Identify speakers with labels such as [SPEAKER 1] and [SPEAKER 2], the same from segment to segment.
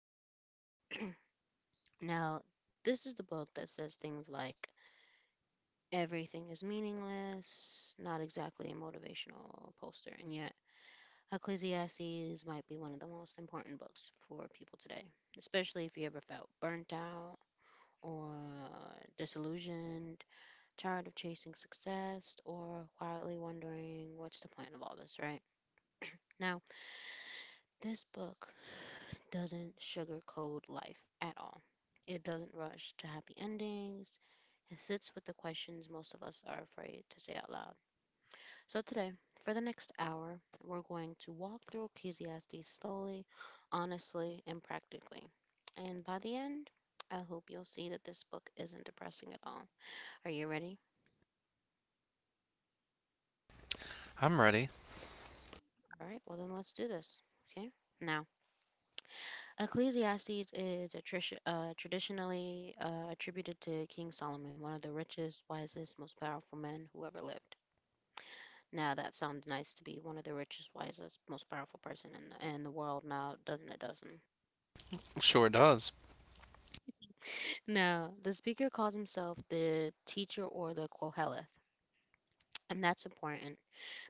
[SPEAKER 1] Ecclesiastes. Now, this is the book that says things like everything is meaningless, not exactly a motivational poster, and yet Ecclesiastes might be one of the most important books for people today, especially if you ever felt burnt out or disillusioned, tired of chasing success, or quietly wondering what's the point of all this, right? Now, this book doesn't sugarcoat life at all. It doesn't rush to happy endings. It sits with the questions most of us are afraid to say out loud. So, today, for the next hour, we're going to walk through Ecclesiastes slowly, honestly, and practically. And by the end, I hope you'll see that this book isn't depressing at all. Are you ready?
[SPEAKER 2] I'm ready.
[SPEAKER 1] All right, well then let's do this. Okay. Now, Ecclesiastes is traditionally attributed to King Solomon, one of the richest, wisest, most powerful men who ever lived. Now that sounds nice to be one of the richest, wisest, most powerful person in in the world. Now, doesn't it? Doesn't.
[SPEAKER 2] Sure does.
[SPEAKER 1] Now, the speaker calls himself the teacher or the Koheleth. And that's important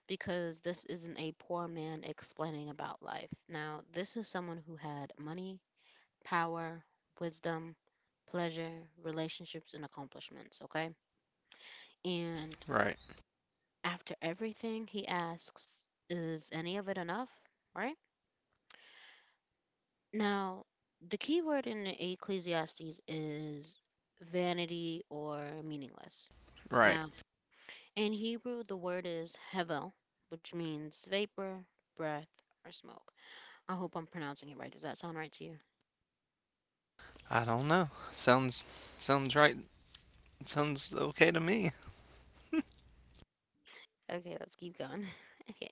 [SPEAKER 1] because this isn't a poor man explaining about life. Now, this is someone who had money, power, wisdom, pleasure, relationships, and accomplishments, okay? And
[SPEAKER 2] Right,
[SPEAKER 1] after everything, he asks, is any of it enough? Right? Now, the key word in Ecclesiastes is vanity or meaningless.
[SPEAKER 2] right.
[SPEAKER 1] Now, in Hebrew, the word is hevel, which means vapor, breath, or smoke. I hope I'm pronouncing it right. Does that sound right to you?
[SPEAKER 2] I don't know. Sounds sounds right. Sounds okay to me.
[SPEAKER 1] Okay, let's keep going. Okay.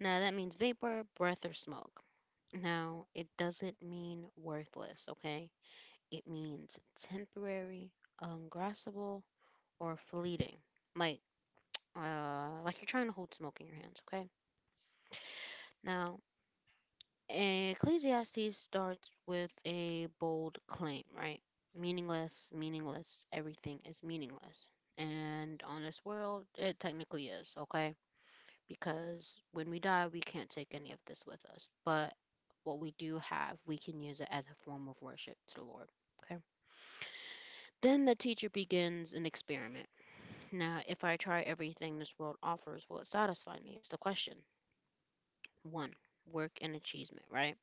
[SPEAKER 1] Now, that means vapor, breath, or smoke. Now, it doesn't mean worthless, okay? It means temporary, ungraspable, or fleeting. Like, like you're trying to hold smoke in your hands, okay? Now, Ecclesiastes starts with a bold claim, right? Meaningless, meaningless, everything is meaningless. And on this world, it technically is, okay? Because when we die, we can't take any of this with us. But what we do have, we can use it as a form of worship to the Lord. Okay. Then the teacher begins an experiment. Now, if I try everything this world offers, will it satisfy me? Is the question. One, work and achievement, right?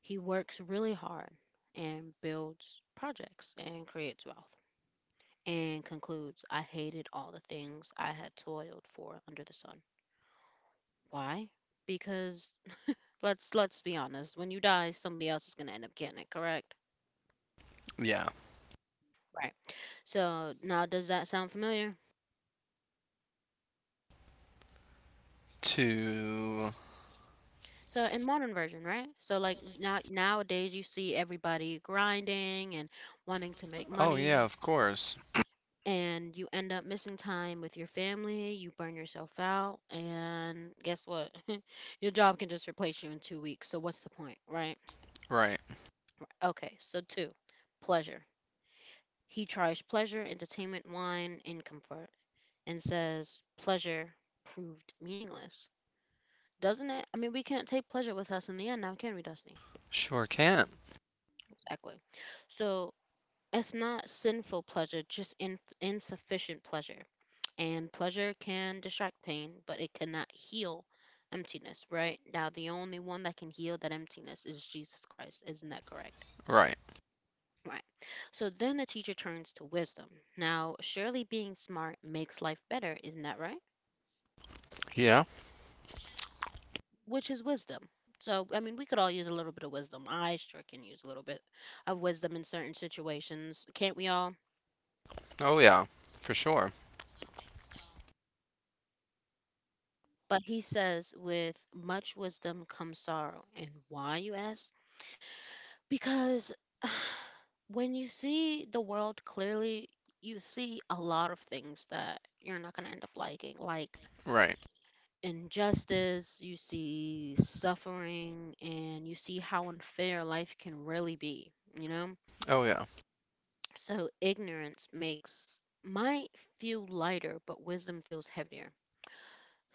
[SPEAKER 1] He works really hard and builds projects and creates wealth and concludes I hated all the things I had toiled for under the sun. Why? Because let's be honest, when you die, somebody else is going to end up getting it, correct?
[SPEAKER 2] Yeah.
[SPEAKER 1] Right. So now, does that sound familiar?
[SPEAKER 2] To
[SPEAKER 1] So in modern version, right? So like nowadays, you see everybody grinding and wanting to make
[SPEAKER 2] Oh yeah,
[SPEAKER 1] money,
[SPEAKER 2] of course.
[SPEAKER 1] and you end up missing time with your family. You burn yourself out, and guess what? Your job can just replace you in 2 weeks. So what's the point, right?
[SPEAKER 2] Right.
[SPEAKER 1] Okay, so two, pleasure. He tries pleasure, entertainment, wine, income first, and says pleasure proved meaningless, doesn't it? I mean, we can't take pleasure with us in the end now, can we, Dusty?
[SPEAKER 2] Sure can.
[SPEAKER 1] Exactly. So it's not sinful pleasure, just insufficient pleasure. And pleasure can distract pain, but it cannot heal emptiness, right? Now, the only one that can heal that emptiness is Jesus Christ. Isn't that correct?
[SPEAKER 2] Right.
[SPEAKER 1] Right. So then the teacher turns to wisdom. Now, surely being smart makes life better, isn't that right?
[SPEAKER 2] Yeah.
[SPEAKER 1] Which is wisdom. So, I mean, we could all use a little bit of wisdom. I sure can use a little bit of wisdom in certain situations, can't we all?
[SPEAKER 2] Oh yeah. For sure.
[SPEAKER 1] But he says, with much wisdom comes sorrow. And why, you ask? Because when you see the world clearly, you see a lot of things that you're not going to end up liking, like
[SPEAKER 2] Right.
[SPEAKER 1] injustice, you see suffering, and you see how unfair life can really be, you know?
[SPEAKER 2] Oh yeah.
[SPEAKER 1] So ignorance makes my feel lighter, but wisdom feels heavier.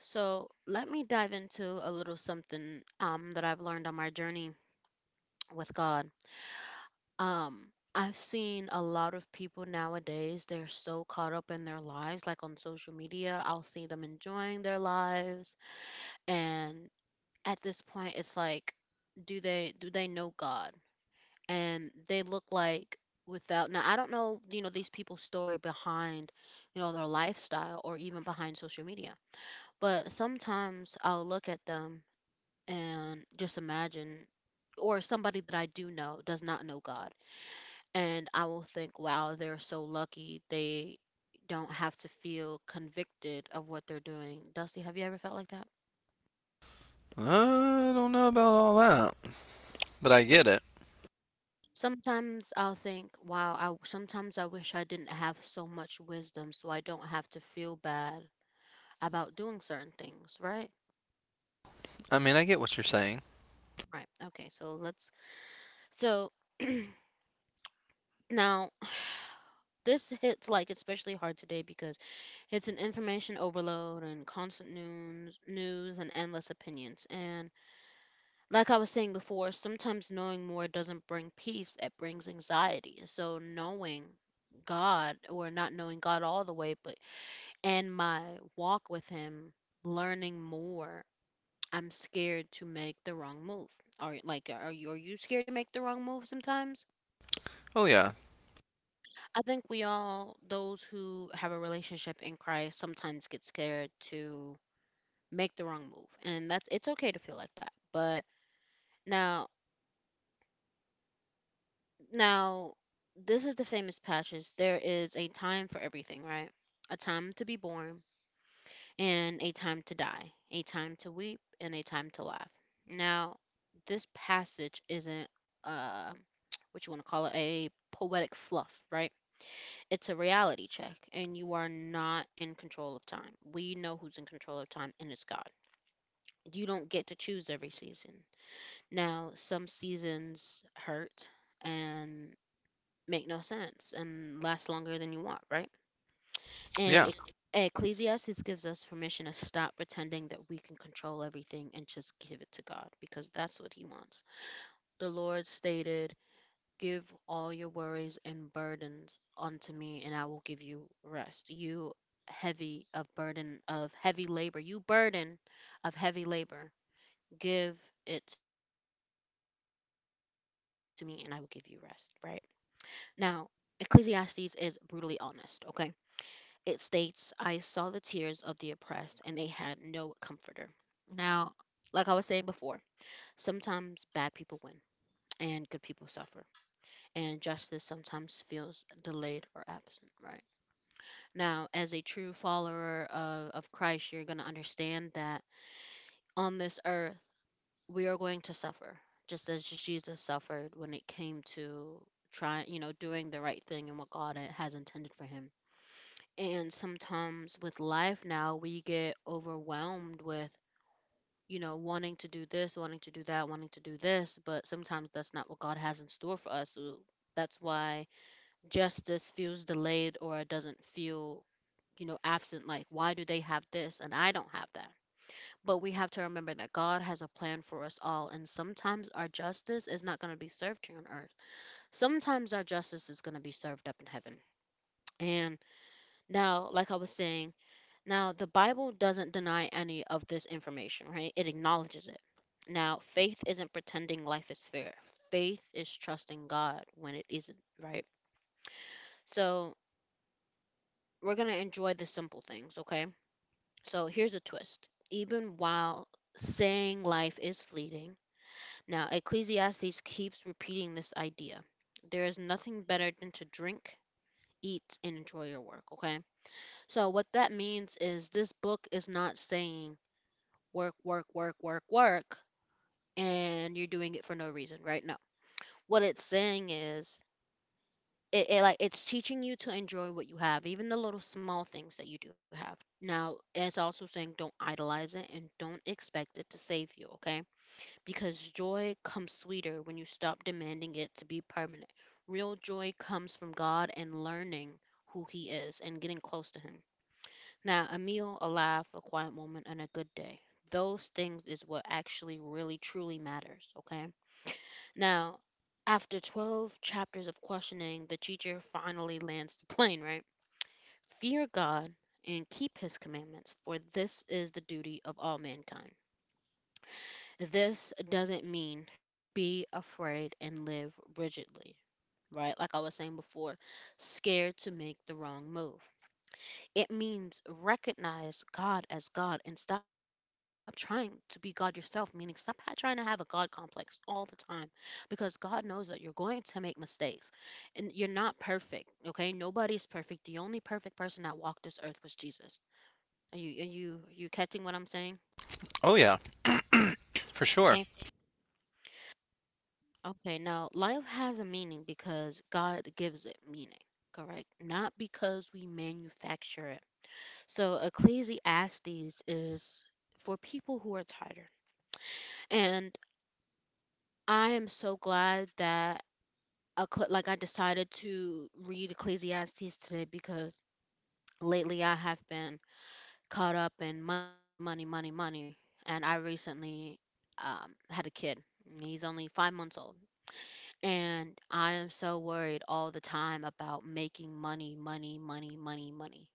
[SPEAKER 1] So let me dive into a little something that I've learned on my journey with God. Um, I've seen a lot of people nowadays, they're so caught up in their lives, like on social media, I'll see them enjoying their lives. And at this point, it's like, do they know God? And they look like without now I don't know, you know, these people's story behind, you know, their lifestyle or even behind social media. But sometimes I'll look at them and just imagine or somebody that I do know does not know God, and I will think, wow, they're so lucky they don't have to feel convicted of what they're doing. Dusty, have you ever felt like that?
[SPEAKER 2] I don't know about all that, but I get it.
[SPEAKER 1] Sometimes I'll think, wow, I sometimes I wish I didn't have so much wisdom so I don't have to feel bad about doing certain things, right?
[SPEAKER 2] I mean, I get what you're saying.
[SPEAKER 1] Right. Okay. So let's. So now this hits like especially hard today because it's an information overload and constant news, news and endless opinions. And like I was saying before, sometimes knowing more doesn't bring peace. It brings anxiety. So knowing God or not knowing God all the way, but and my walk with Him, learning more I'm scared to make the wrong move. Or like are you scared to make the wrong move sometimes?
[SPEAKER 2] Oh yeah.
[SPEAKER 1] I think we all those who have a relationship in Christ sometimes get scared to make the wrong move. And that's it's okay to feel like that. But now now this is the famous passage. There is a time for everything, right? A time to be born, and a time to die, a time to weep, and a time to laugh. Now, this passage isn't uh, what you want to call it, a poetic fluff, right? It's a reality check, and you are not in control of time. We know who's in control of time, and it's God. You don't get to choose every season. Now, some seasons hurt and make no sense and last longer than you want, right? And
[SPEAKER 2] Yeah.
[SPEAKER 1] Ecclesiastes gives us permission to stop pretending that we can control everything and just give it to God because that's what He wants. The Lord stated, give all your worries and burdens unto me, and I will give you rest. You heavy of burden of heavy labor, you burden of heavy labor, give it to me, and I will give you rest. Right now, Ecclesiastes is brutally honest, okay? It states, I saw the tears of the oppressed, and they had no comforter. Now, like I was saying before, sometimes bad people win and good people suffer, and justice sometimes feels delayed or absent, right? Now, as a true follower of Christ, you're going to understand that on this earth, we are going to suffer, just as Jesus suffered when it came to trying, you know, doing the right thing and what God has intended for him. And sometimes with life now, we get overwhelmed with, you know, wanting to do this, wanting to do that, wanting to do this, but sometimes that's not what God has in store for us. So that's why justice feels delayed or it doesn't feel, you know, absent. Like, why do they have this and I don't have that? But we have to remember that God has a plan for us all, and sometimes our justice is not going to be served here on earth. Sometimes our justice is going to be served up in heaven. And now, like I was saying, now, the Bible doesn't deny any of this information, right? It acknowledges it. Now, faith isn't pretending life is fair. Faith is trusting God when it isn't, right? So, we're going to enjoy the simple things, okay? So, here's a twist. Even while saying life is fleeting, now Ecclesiastes keeps repeating this idea. There is nothing better than to drink, eat, and enjoy your work, okay? So, what that means is this book is not saying work, work, work, work, work, and you're doing it for no reason, right? No. What it's saying is it, it like it's teaching you to enjoy what you have, even the little small things that you do have. Now, it's also saying don't idolize it and don't expect it to save you, okay? Because joy comes sweeter when you stop demanding it to be permanent. Real joy comes from God and learning who he is and getting close to him. Now, a meal, a laugh, a quiet moment, and a good day. Those things is what actually really truly matters, okay? Now, after 12 chapters of questioning, the teacher finally lands the plane, right? Fear God and keep his commandments, for this is the duty of all mankind. This doesn't mean be afraid and live rigidly, right? Like I was saying before, scared to make the wrong move. It means recognize God as God and stop trying to be God yourself, meaning stop trying to have a God complex all the time because God knows that you're going to make mistakes and you're not perfect, okay? Nobody's perfect. The only perfect person that walked this earth was Jesus. Are you catching what I'm saying?
[SPEAKER 2] Oh yeah. For sure.
[SPEAKER 1] Okay. Okay, now life has a meaning because God gives it meaning, correct? Not because we manufacture it. So Ecclesiastes is for people who are tired. And I am so glad that like I decided to read Ecclesiastes today because lately I have been caught up in money, money, money, money, money, and I recently had a kid. He's only 5 months old, and I am so worried all the time about making money, money, money, money, money.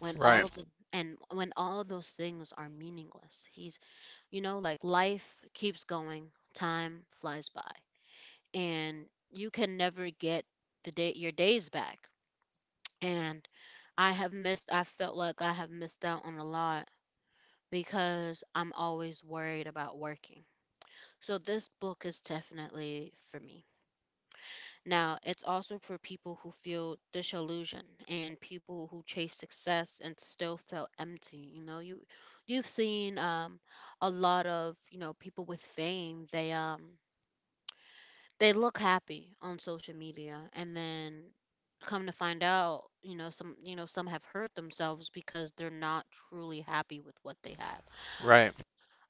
[SPEAKER 1] When all
[SPEAKER 2] Right.
[SPEAKER 1] of the And when all of those things are meaningless, he's you know like life keeps going, time flies by, and you can never get the day your days back. And I felt like I have missed out on a lot because I'm always worried about working. So this book is definitely for me. Now, it's also for people who feel disillusioned and people who chase success and still feel empty. You know, you've seen a lot of, people with fame, they look happy on social media, and then come to find out, some you know some have hurt themselves because they're not truly happy with what they have.
[SPEAKER 2] Right.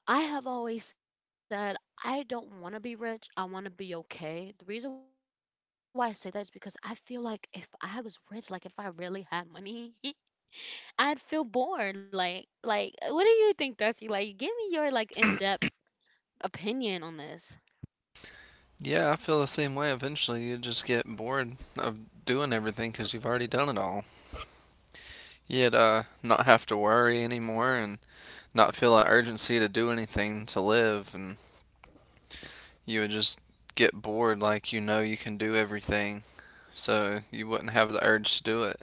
[SPEAKER 1] I have always said I don't want to be rich. I want to be okay. The reason why I say that is because I feel like if I was rich, like if I really had money, I'd feel bored. Like, what do you think, Dusty? Like, give me your, like, in-depth opinion on this.
[SPEAKER 2] Yeah, I feel the same way. Eventually, you just get bored of doing everything because you've already done it all. You'd not have to worry anymore and not feel that urgency to do anything to live, and you would just get bored, like, you know, you can do everything, so you wouldn't have the urge to do it.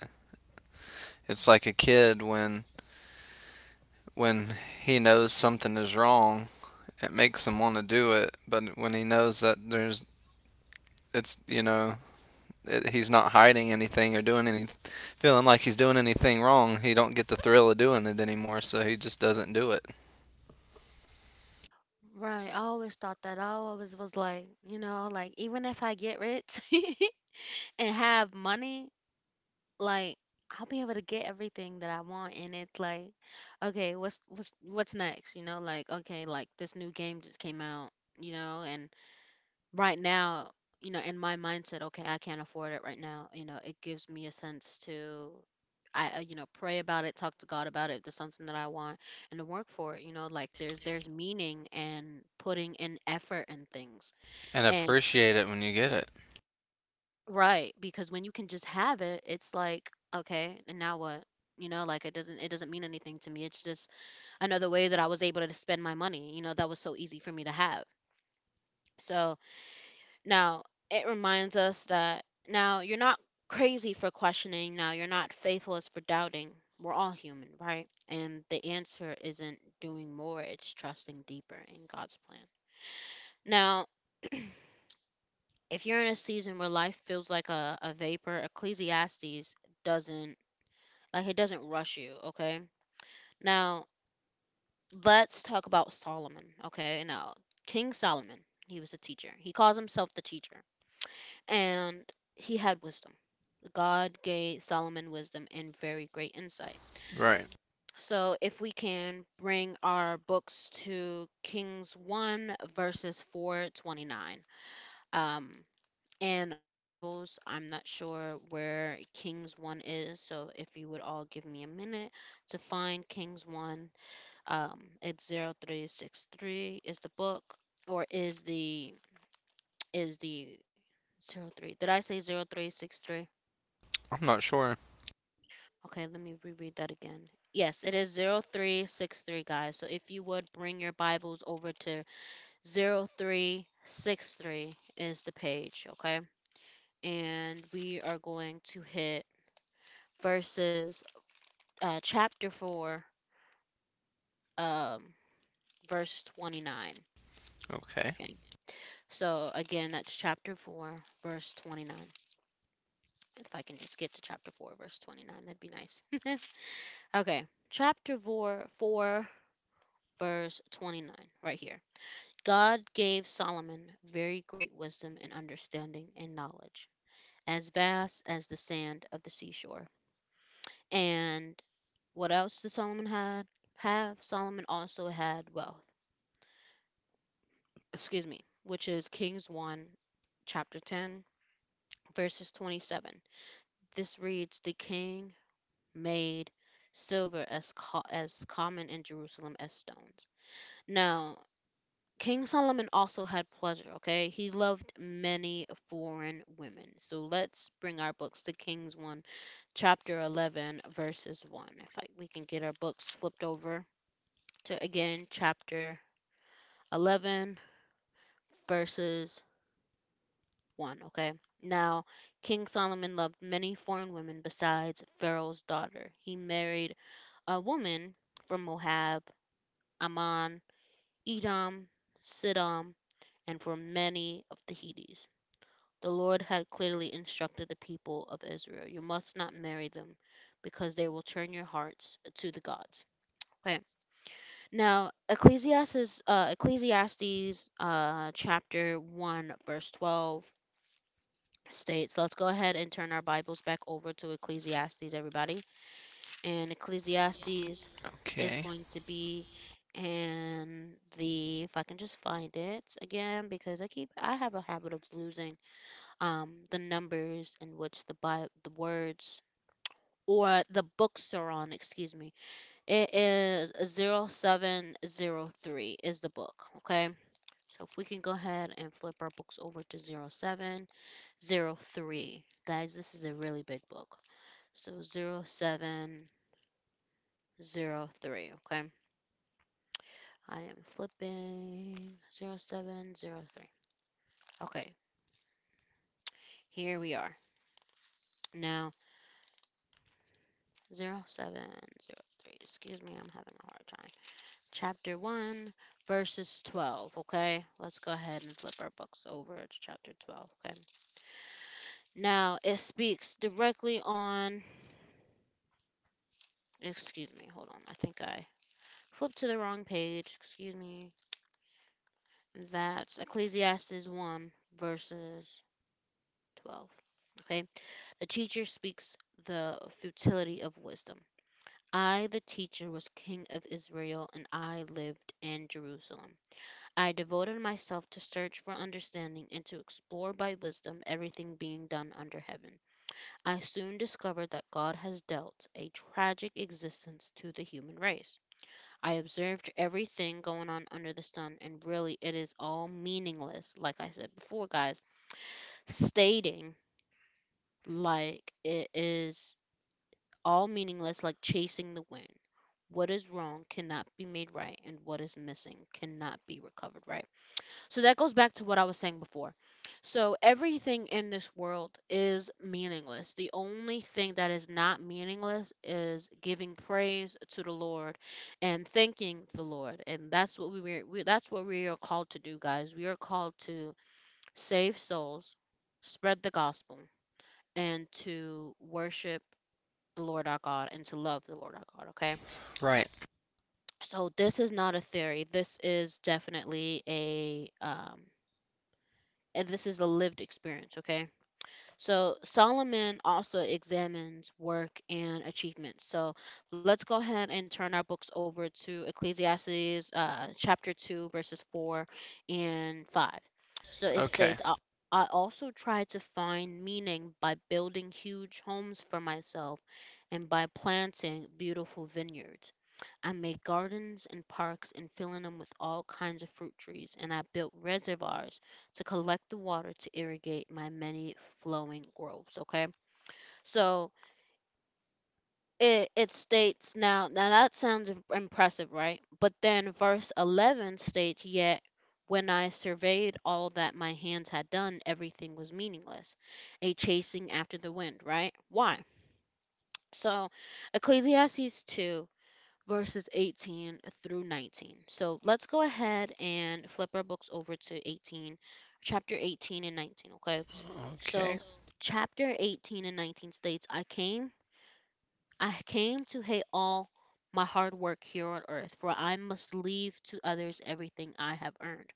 [SPEAKER 2] It's like a kid when he knows something is wrong, it makes him want to do it, but when he knows that there's it's, you know, he's not hiding anything or doing feeling like he's doing anything wrong. He don't get the thrill of doing it anymore, so he just doesn't do it.
[SPEAKER 1] Right, I always thought that. I always was like, you know, like even if I get rich and have money, like I'll be able to get everything that I want. And it's like, okay, what's next? You know, like okay, like this new game just came out, you know, and right now, you know, in my mindset, okay, I can't afford it right now. You know, it gives me a sense to, pray about it, talk to God about it. If there's something that I want, and to work for it. You know, like there's meaning and putting in effort and things.
[SPEAKER 2] And
[SPEAKER 1] And,
[SPEAKER 2] appreciate it when you get it.
[SPEAKER 1] right, because when you can just have it, it's like okay, and now what? You know, like it doesn't mean anything to me. It's just another way that I was able to spend my money. You know, that was so easy for me to have. So Now, it reminds us that now you're not crazy for questioning, now you're not faithless for doubting. We're all human, right? And the answer isn't doing more, it's trusting deeper in God's plan. Now, if you're in a season where life feels like a vapor, Ecclesiastes doesn't like it doesn't rush you, okay? Now, let's talk about Solomon, okay? Now, King Solomon, he was a teacher. He calls himself the teacher, and he had wisdom. God gave Solomon wisdom and very great insight.
[SPEAKER 2] Right.
[SPEAKER 1] So, if we can bring our books to Kings 1, verses 429. Um, in our Bibles, I'm not sure where Kings 1 is, so if you would all give me a minute to find Kings 1, it's 0363 is the book, or is the zero 03, did I say 0363?
[SPEAKER 2] I'm not sure.
[SPEAKER 1] Okay, let me reread that again. Yes, it is 0363, guys. So if you would bring your Bibles over to 0363 is the page, okay? And we are going to hit verses, chapter 4, um, verse 29.
[SPEAKER 2] Okay.
[SPEAKER 1] Okay. So again, that's chapter 4, verse 29. If I can just get to chapter 4, verse 29, that'd be nice. Okay. Chapter 4, verse 29, right here. God gave Solomon very great wisdom and understanding and knowledge, as vast as the sand of the seashore. And what else did Solomon had have? Solomon also had wealth. Excuse me, which is Kings 1 chapter 10 verses 27. This reads, "The king made silver as common in Jerusalem as stones." Now, King Solomon also had pleasure, okay? He loved many foreign women. So let's bring our books to Kings 1, chapter 11, verses 1. If I, we can get our books flipped over to, again, chapter 11, verses 1, okay? Now, King Solomon loved many foreign women besides Pharaoh's daughter. He married a woman from Moab, Ammon, Edom, Sidom, and from many of the Hittites. The Lord had clearly instructed the people of Israel you must not marry them because they will turn your hearts to the gods. Okay. Now, Ecclesiastes chapter 1, verse 12 states, let's go ahead and turn our Bibles back over to Ecclesiastes, everybody. And Ecclesiastes is
[SPEAKER 2] Okay.
[SPEAKER 1] going to be in if I can just find it again, because I have a habit of losing the numbers in which the words or the books are on. Excuse me. It is 0703 is the book. Okay. So if we can go ahead and flip our books over to 0703, guys, this is a really big book. So 0703. Okay. I am flipping 0703. Okay. Here we are. Now 0703. Excuse me, I'm having a hard time. Chapter 1, verses 12. Okay, let's go ahead and flip our books over to chapter 12. Okay, now it speaks directly on, excuse me, hold on, I think I flipped to the wrong page. Excuse me, that's Ecclesiastes 1, verses 12. Okay, the teacher speaks the futility of wisdom. I, the teacher, was king of Israel, and I lived in Jerusalem. I devoted myself to search for understanding and to explore by wisdom everything being done under heaven. I soon discovered that God has dealt a tragic existence to the human race. I observed everything going on under the sun, and really it is all meaningless, like I said before, guys. Stating like it is all meaningless, like chasing the wind. What is wrong cannot be made right, and what is missing cannot be recovered right. So that goes back to what I was saying before. So everything in this world is meaningless. The only thing that is not meaningless is giving praise to the Lord and thanking the Lord. And that's what we are called to do, guys. We are called to save souls, spread the gospel, and to worship the Lord our God and to love the Lord our God, okay?
[SPEAKER 2] Right.
[SPEAKER 1] So this is not a theory. This is definitely a and this is a lived experience, okay? So Solomon also examines work and achievements. So let's go ahead and turn our books over to Ecclesiastes chapter 2, verses 4 and 5. So it states,
[SPEAKER 2] Okay.
[SPEAKER 1] I also tried to find meaning by building huge homes for myself and by planting beautiful vineyards. I made gardens and parks and filling them with all kinds of fruit trees, and I built reservoirs to collect the water to irrigate my many flowing groves. Okay, so it states now. Now that sounds impressive, right? But then verse 11 states, yet when I surveyed all that my hands had done, everything was meaningless, a chasing after the wind. Right? Why? So Ecclesiastes 2 verses 18 through 19. So let's go ahead and flip our books over to 18, chapter 18 and 19, okay?
[SPEAKER 2] Okay.
[SPEAKER 1] So chapter 18 and 19 states, I came to hate all my hard work here on earth, for I must leave to others everything I have earned.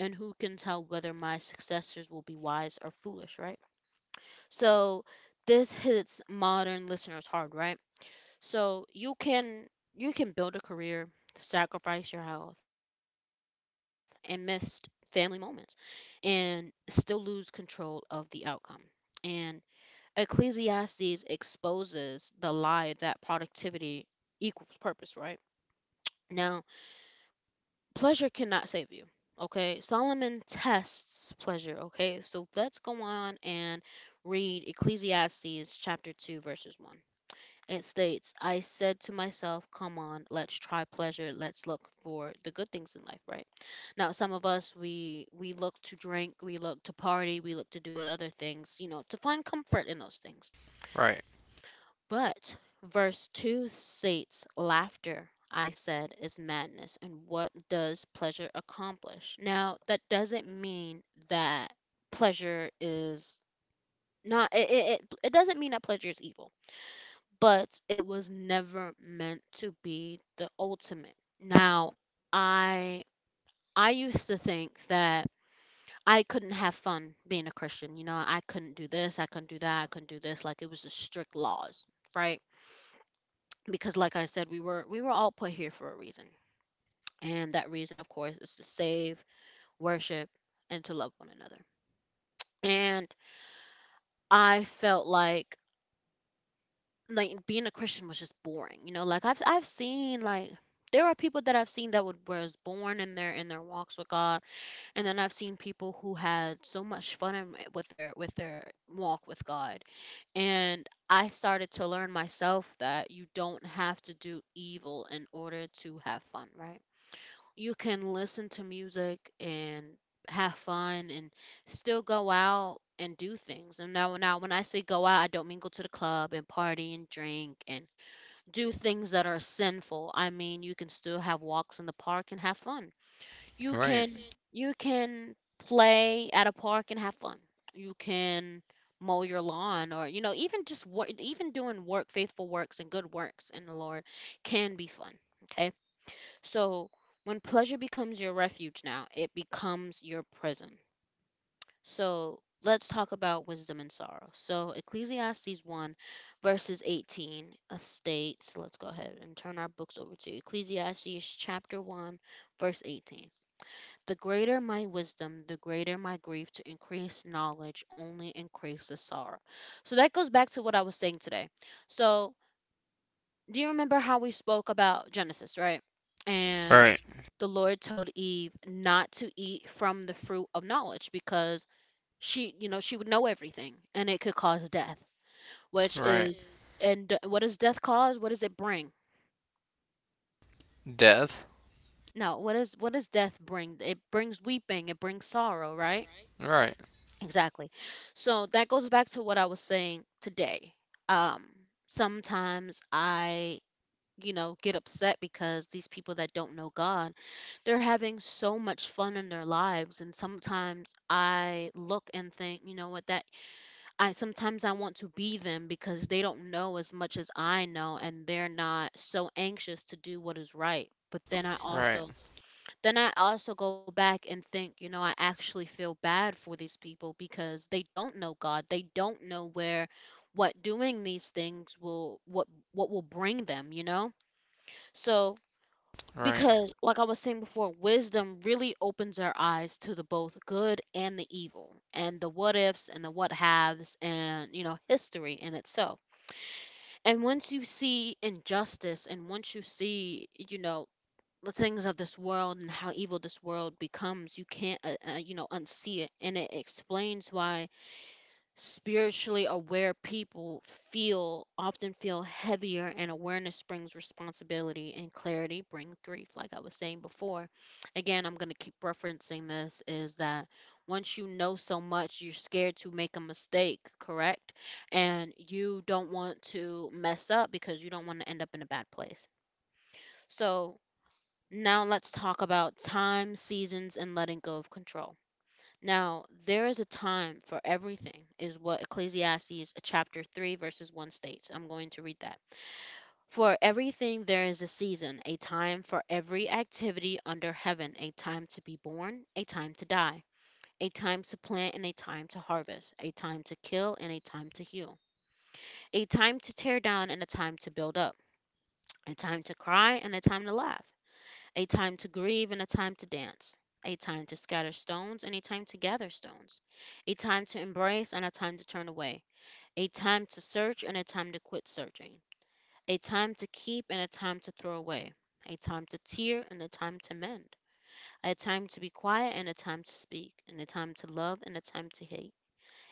[SPEAKER 1] And who can tell whether my successors will be wise or foolish, right? So this hits modern listeners hard, right? So you can build a career, sacrifice your health, and miss family moments, and still lose control of the outcome. And Ecclesiastes exposes the lie that productivity equals purpose, right? Now, pleasure cannot save you. Okay, Solomon tests pleasure. Okay, so let's go on and read Ecclesiastes chapter 2, verses 1. It states, I said to myself, come on, let's try pleasure. Let's look for the good things in life, right? Now, some of us, we look to drink, we look to party, we look to do other things, you know, to find comfort in those things.
[SPEAKER 2] Right.
[SPEAKER 1] But verse 2 states, laughter, I said, is madness. And what does pleasure accomplish? Now, that doesn't mean that pleasure is not, it doesn't mean that pleasure is evil, but it was never meant to be the ultimate. Now, I I used to think that I couldn't have fun being a Christian. You know, I couldn't do this, I couldn't do that, I couldn't do this. Like it was just strict laws, right? Because like I said, we were all put here for a reason. And that reason, of course, is to save, worship, and to love one another. And I felt like being a Christian was just boring. You know, like I've seen like there are people that I've seen that would was born in their walks with God, and then I've seen people who had so much fun in, with their walk with God, and I started to learn myself that you don't have to do evil in order to have fun, right? You can listen to music and have fun and still go out and do things. And now when I say go out, I don't mean go to the club and party and drink and do things that are sinful. I mean, you can still have walks in the park and have fun. You
[SPEAKER 2] Right.
[SPEAKER 1] can you can play at a park and have fun. You can mow your lawn, or you know, even just work, even doing work, faithful works and good works in the Lord, can be fun, okay? So when pleasure becomes your refuge now, it becomes your prison. So let's talk about wisdom and sorrow. So Ecclesiastes 1 verses 18 of states, let's go ahead and turn our books over to Ecclesiastes chapter 1 verse 18. The greater my wisdom, the greater my grief. To increase knowledge only increases sorrow. So that goes back to what I was saying today. So do you remember how we spoke about Genesis, right? And
[SPEAKER 2] Right.
[SPEAKER 1] the Lord told Eve not to eat from the fruit of knowledge, because she, you know, she would know everything and it could cause death, which
[SPEAKER 2] Right.
[SPEAKER 1] is... What does death cause? What does it bring?
[SPEAKER 2] Death.
[SPEAKER 1] No, what is, what does death bring? It brings weeping, it brings sorrow, right?
[SPEAKER 2] Right.
[SPEAKER 1] Exactly. So that goes back to what I was saying today. Um, Sometimes I, you know, get upset because these people that don't know God, they're having so much fun in their lives. And sometimes I look and think, you know what, that I sometimes I want to be them, because they don't know as much as I know and they're not so anxious to do what is right. But then I
[SPEAKER 2] Right.
[SPEAKER 1] also, go back and think, you know, I actually feel bad for these people because they don't know God. They don't know where, what doing these things will, what will bring them, you know? So
[SPEAKER 2] Right.
[SPEAKER 1] because, like I was saying before, wisdom really opens our eyes to the both good and the evil, and the what ifs and the what haves, and, you know, history in itself. And once you see injustice, and once you see, you know, the things of this world and how evil this world becomes, you can't, you know, unsee it. And it explains why spiritually aware people feel often feel heavier, and awareness brings responsibility and clarity bring grief. Like I was saying before, again, I'm going to keep referencing this, is that once you know so much, you're scared to make a mistake, correct? And you don't want to mess up because you don't want to end up in a bad place. So now let's talk about time, seasons, and letting go of control. Now, there is a time for everything, is what Ecclesiastes chapter 3, verses 1 states. I'm going to read that. For everything there is a season, a time for every activity under heaven, a time to be born, a time to die, a time to plant, and a time to harvest, a time to kill, and a time to heal, a time to tear down, and a time to build up, a time to cry, and a time to laugh, a time to grieve and a time to dance, a time to scatter stones and a time to gather stones, a time to embrace and a time to turn away, a time to search and a time to quit searching, a time to keep and a time to throw away, a time to tear and a time to mend, a time to be quiet and a time to speak, and a time to love and a time to hate,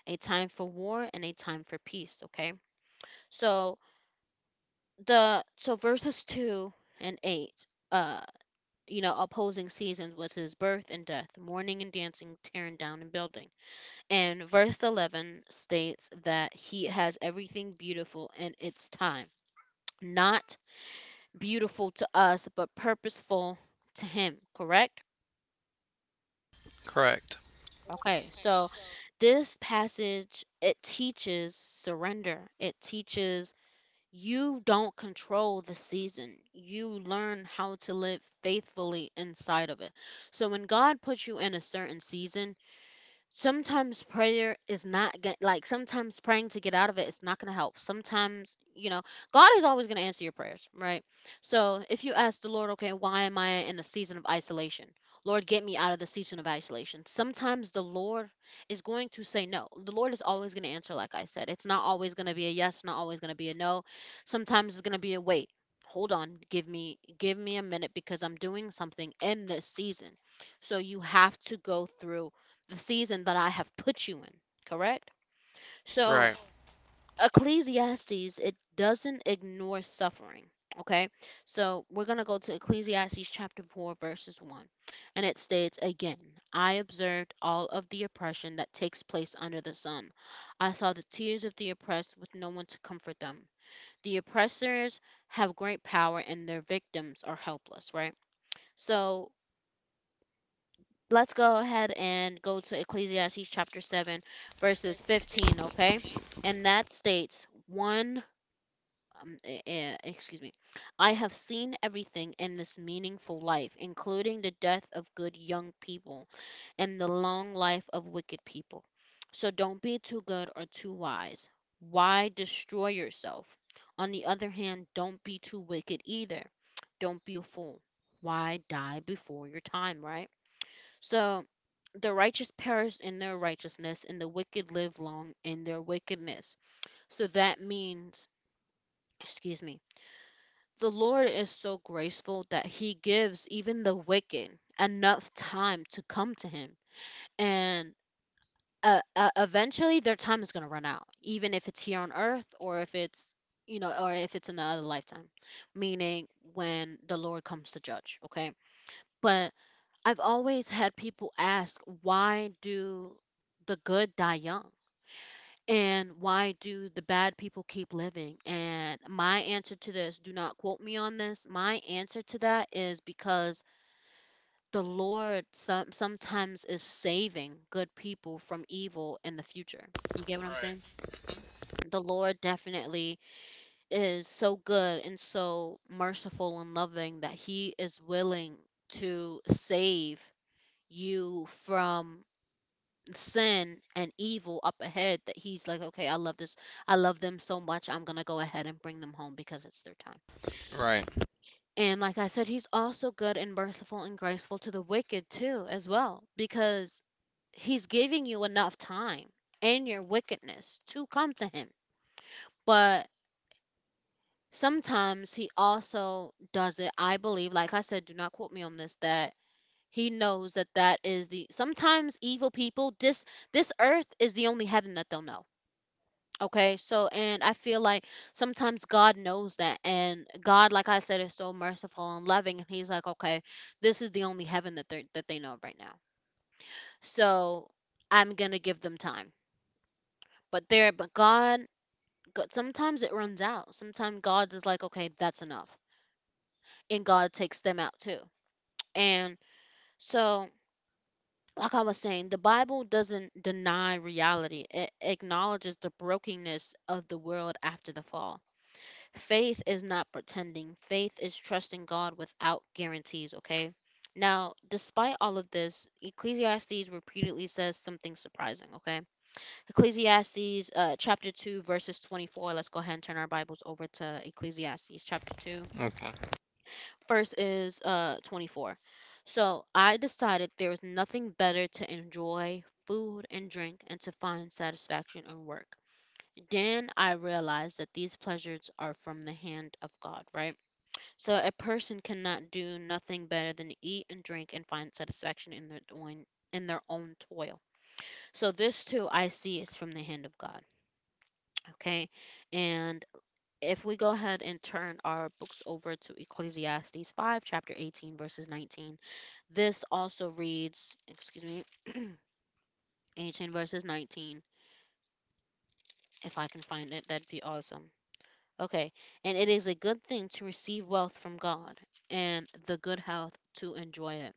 [SPEAKER 1] a time for war and a time for peace. Okay, so the so verses two and eight. You know, opposing seasons was his birth and death, mourning and dancing, tearing down and building. And verse 11 states that he has everything beautiful in its time. Not beautiful to us, but purposeful to him, correct?
[SPEAKER 2] Correct.
[SPEAKER 1] Okay, so this passage, it teaches surrender. It teaches you don't control the season. You learn how to live faithfully inside of it. So when God puts you in a certain season, sometimes prayer is not get, like sometimes praying to get out of it is not going to help. Sometimes, you know, God is always going to answer your prayers, right? So if you ask the Lord, okay, why am I in a season of isolation, Lord, get me out of the season of isolation, sometimes the Lord is going to say no. The Lord is always going to answer. Like I said, it's not always going to be a yes, not always going to be a no. Sometimes it's going to be a wait. Hold on, give me a minute, because I'm doing something in this season. So you have to go through the season that I have put you in, correct? So
[SPEAKER 2] Right.
[SPEAKER 1] Ecclesiastes, it doesn't ignore suffering, okay? So we're going to go to Ecclesiastes chapter 4, verses 1, and it states again, I observed all of the oppression that takes place under the sun. I saw the tears of the oppressed with no one to comfort them. The oppressors have great power and their victims are helpless, right? So let's go ahead and go to Ecclesiastes chapter 7, verses 15, okay? And that states, excuse me, I have seen everything in this meaningful life, including the death of good young people and the long life of wicked people. So don't be too good or too wise. Why destroy yourself? On the other hand, don't be too wicked either. Don't be a fool. Why die before your time, right? So the righteous perish in their righteousness, and the wicked live long in their wickedness. So that means, excuse me, the Lord is so graceful that he gives even the wicked enough time to come to him. And eventually their time is going to run out, even if it's here on earth or if it's, you know, or if it's in the other lifetime, meaning when the Lord comes to judge, okay? But I've always had people ask, why do the good die young? And why do the bad people keep living? And my answer to this, do not quote me on this, my answer to that is because the Lord sometimes is saving good people from evil in the future. You get what I'm
[SPEAKER 2] Right.
[SPEAKER 1] saying? The Lord definitely is so good and so merciful and loving that He is willing to save you from sin and evil up ahead, that he's like, okay, I love this. I love them so much. I'm going to go ahead and bring them home because it's their time.
[SPEAKER 2] Right.
[SPEAKER 1] And like I said, he's also good and merciful and graceful to the wicked too, as well, because he's giving you enough time in your wickedness to come to him. But sometimes he also does it, I believe, like I said, do not quote me on this, that he knows that that is the sometimes evil people, this earth is the only heaven that they'll know. Okay, so, and I feel like sometimes God knows that, and God, like I said, is so merciful and loving, and He's like, okay, this is the only heaven that they know of right now, so I'm gonna give them time. But there, but God, God, sometimes it runs out. Sometimes God is like, okay, that's enough, and God takes them out too. And so, like I was saying, the Bible doesn't deny reality; it acknowledges the brokenness of the world after the fall. Faith is not pretending. Faith is trusting God without guarantees, okay? Now, despite all of this, Ecclesiastes repeatedly says something surprising, okay? Ecclesiastes chapter 2, verses 24. Let's go ahead and turn our Bibles over to Ecclesiastes chapter 2.
[SPEAKER 2] Okay.
[SPEAKER 1] First is 24. So I decided there is nothing better to enjoy food and drink and to find satisfaction in work. Then I realized that these pleasures are from the hand of God, right? So a person cannot do nothing better than eat and drink and find satisfaction in their own toil. So this too I see is from the hand of God. Okay. And if we go ahead and turn our books over to Ecclesiastes 5, chapter 18, verses 19, this also reads, excuse me, 18 verses 19. If I can find it, that'd be awesome. Okay. And it is a good thing to receive wealth from God and the good health to enjoy it,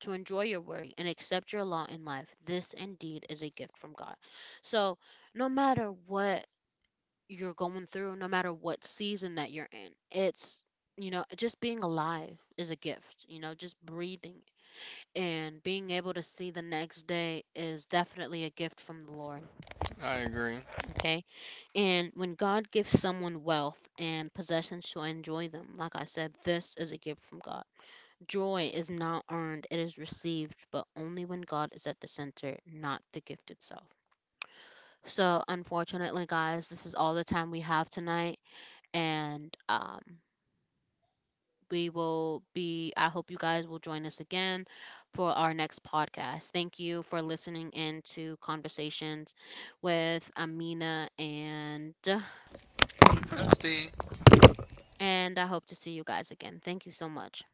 [SPEAKER 1] to enjoy your work and accept your lot in life. This indeed is a gift from God. So, no matter what you're going through, no matter what season that you're in, it's, you know, just being alive is a gift, you know, just breathing and being able to see the next day is definitely a gift from the Lord,
[SPEAKER 2] I agree.
[SPEAKER 1] okay? And when God gives someone wealth and possessions to enjoy them, like I said, this is a gift from God. Joy is not earned, it is received, but only when God is at the center, not the gift itself. So, unfortunately, guys, this is all the time we have tonight, and we will be. I hope you guys will join us again for our next podcast. Thank you for listening in to Conversations with Amina, and
[SPEAKER 2] That's the
[SPEAKER 1] I hope to see you guys again. Thank you so much.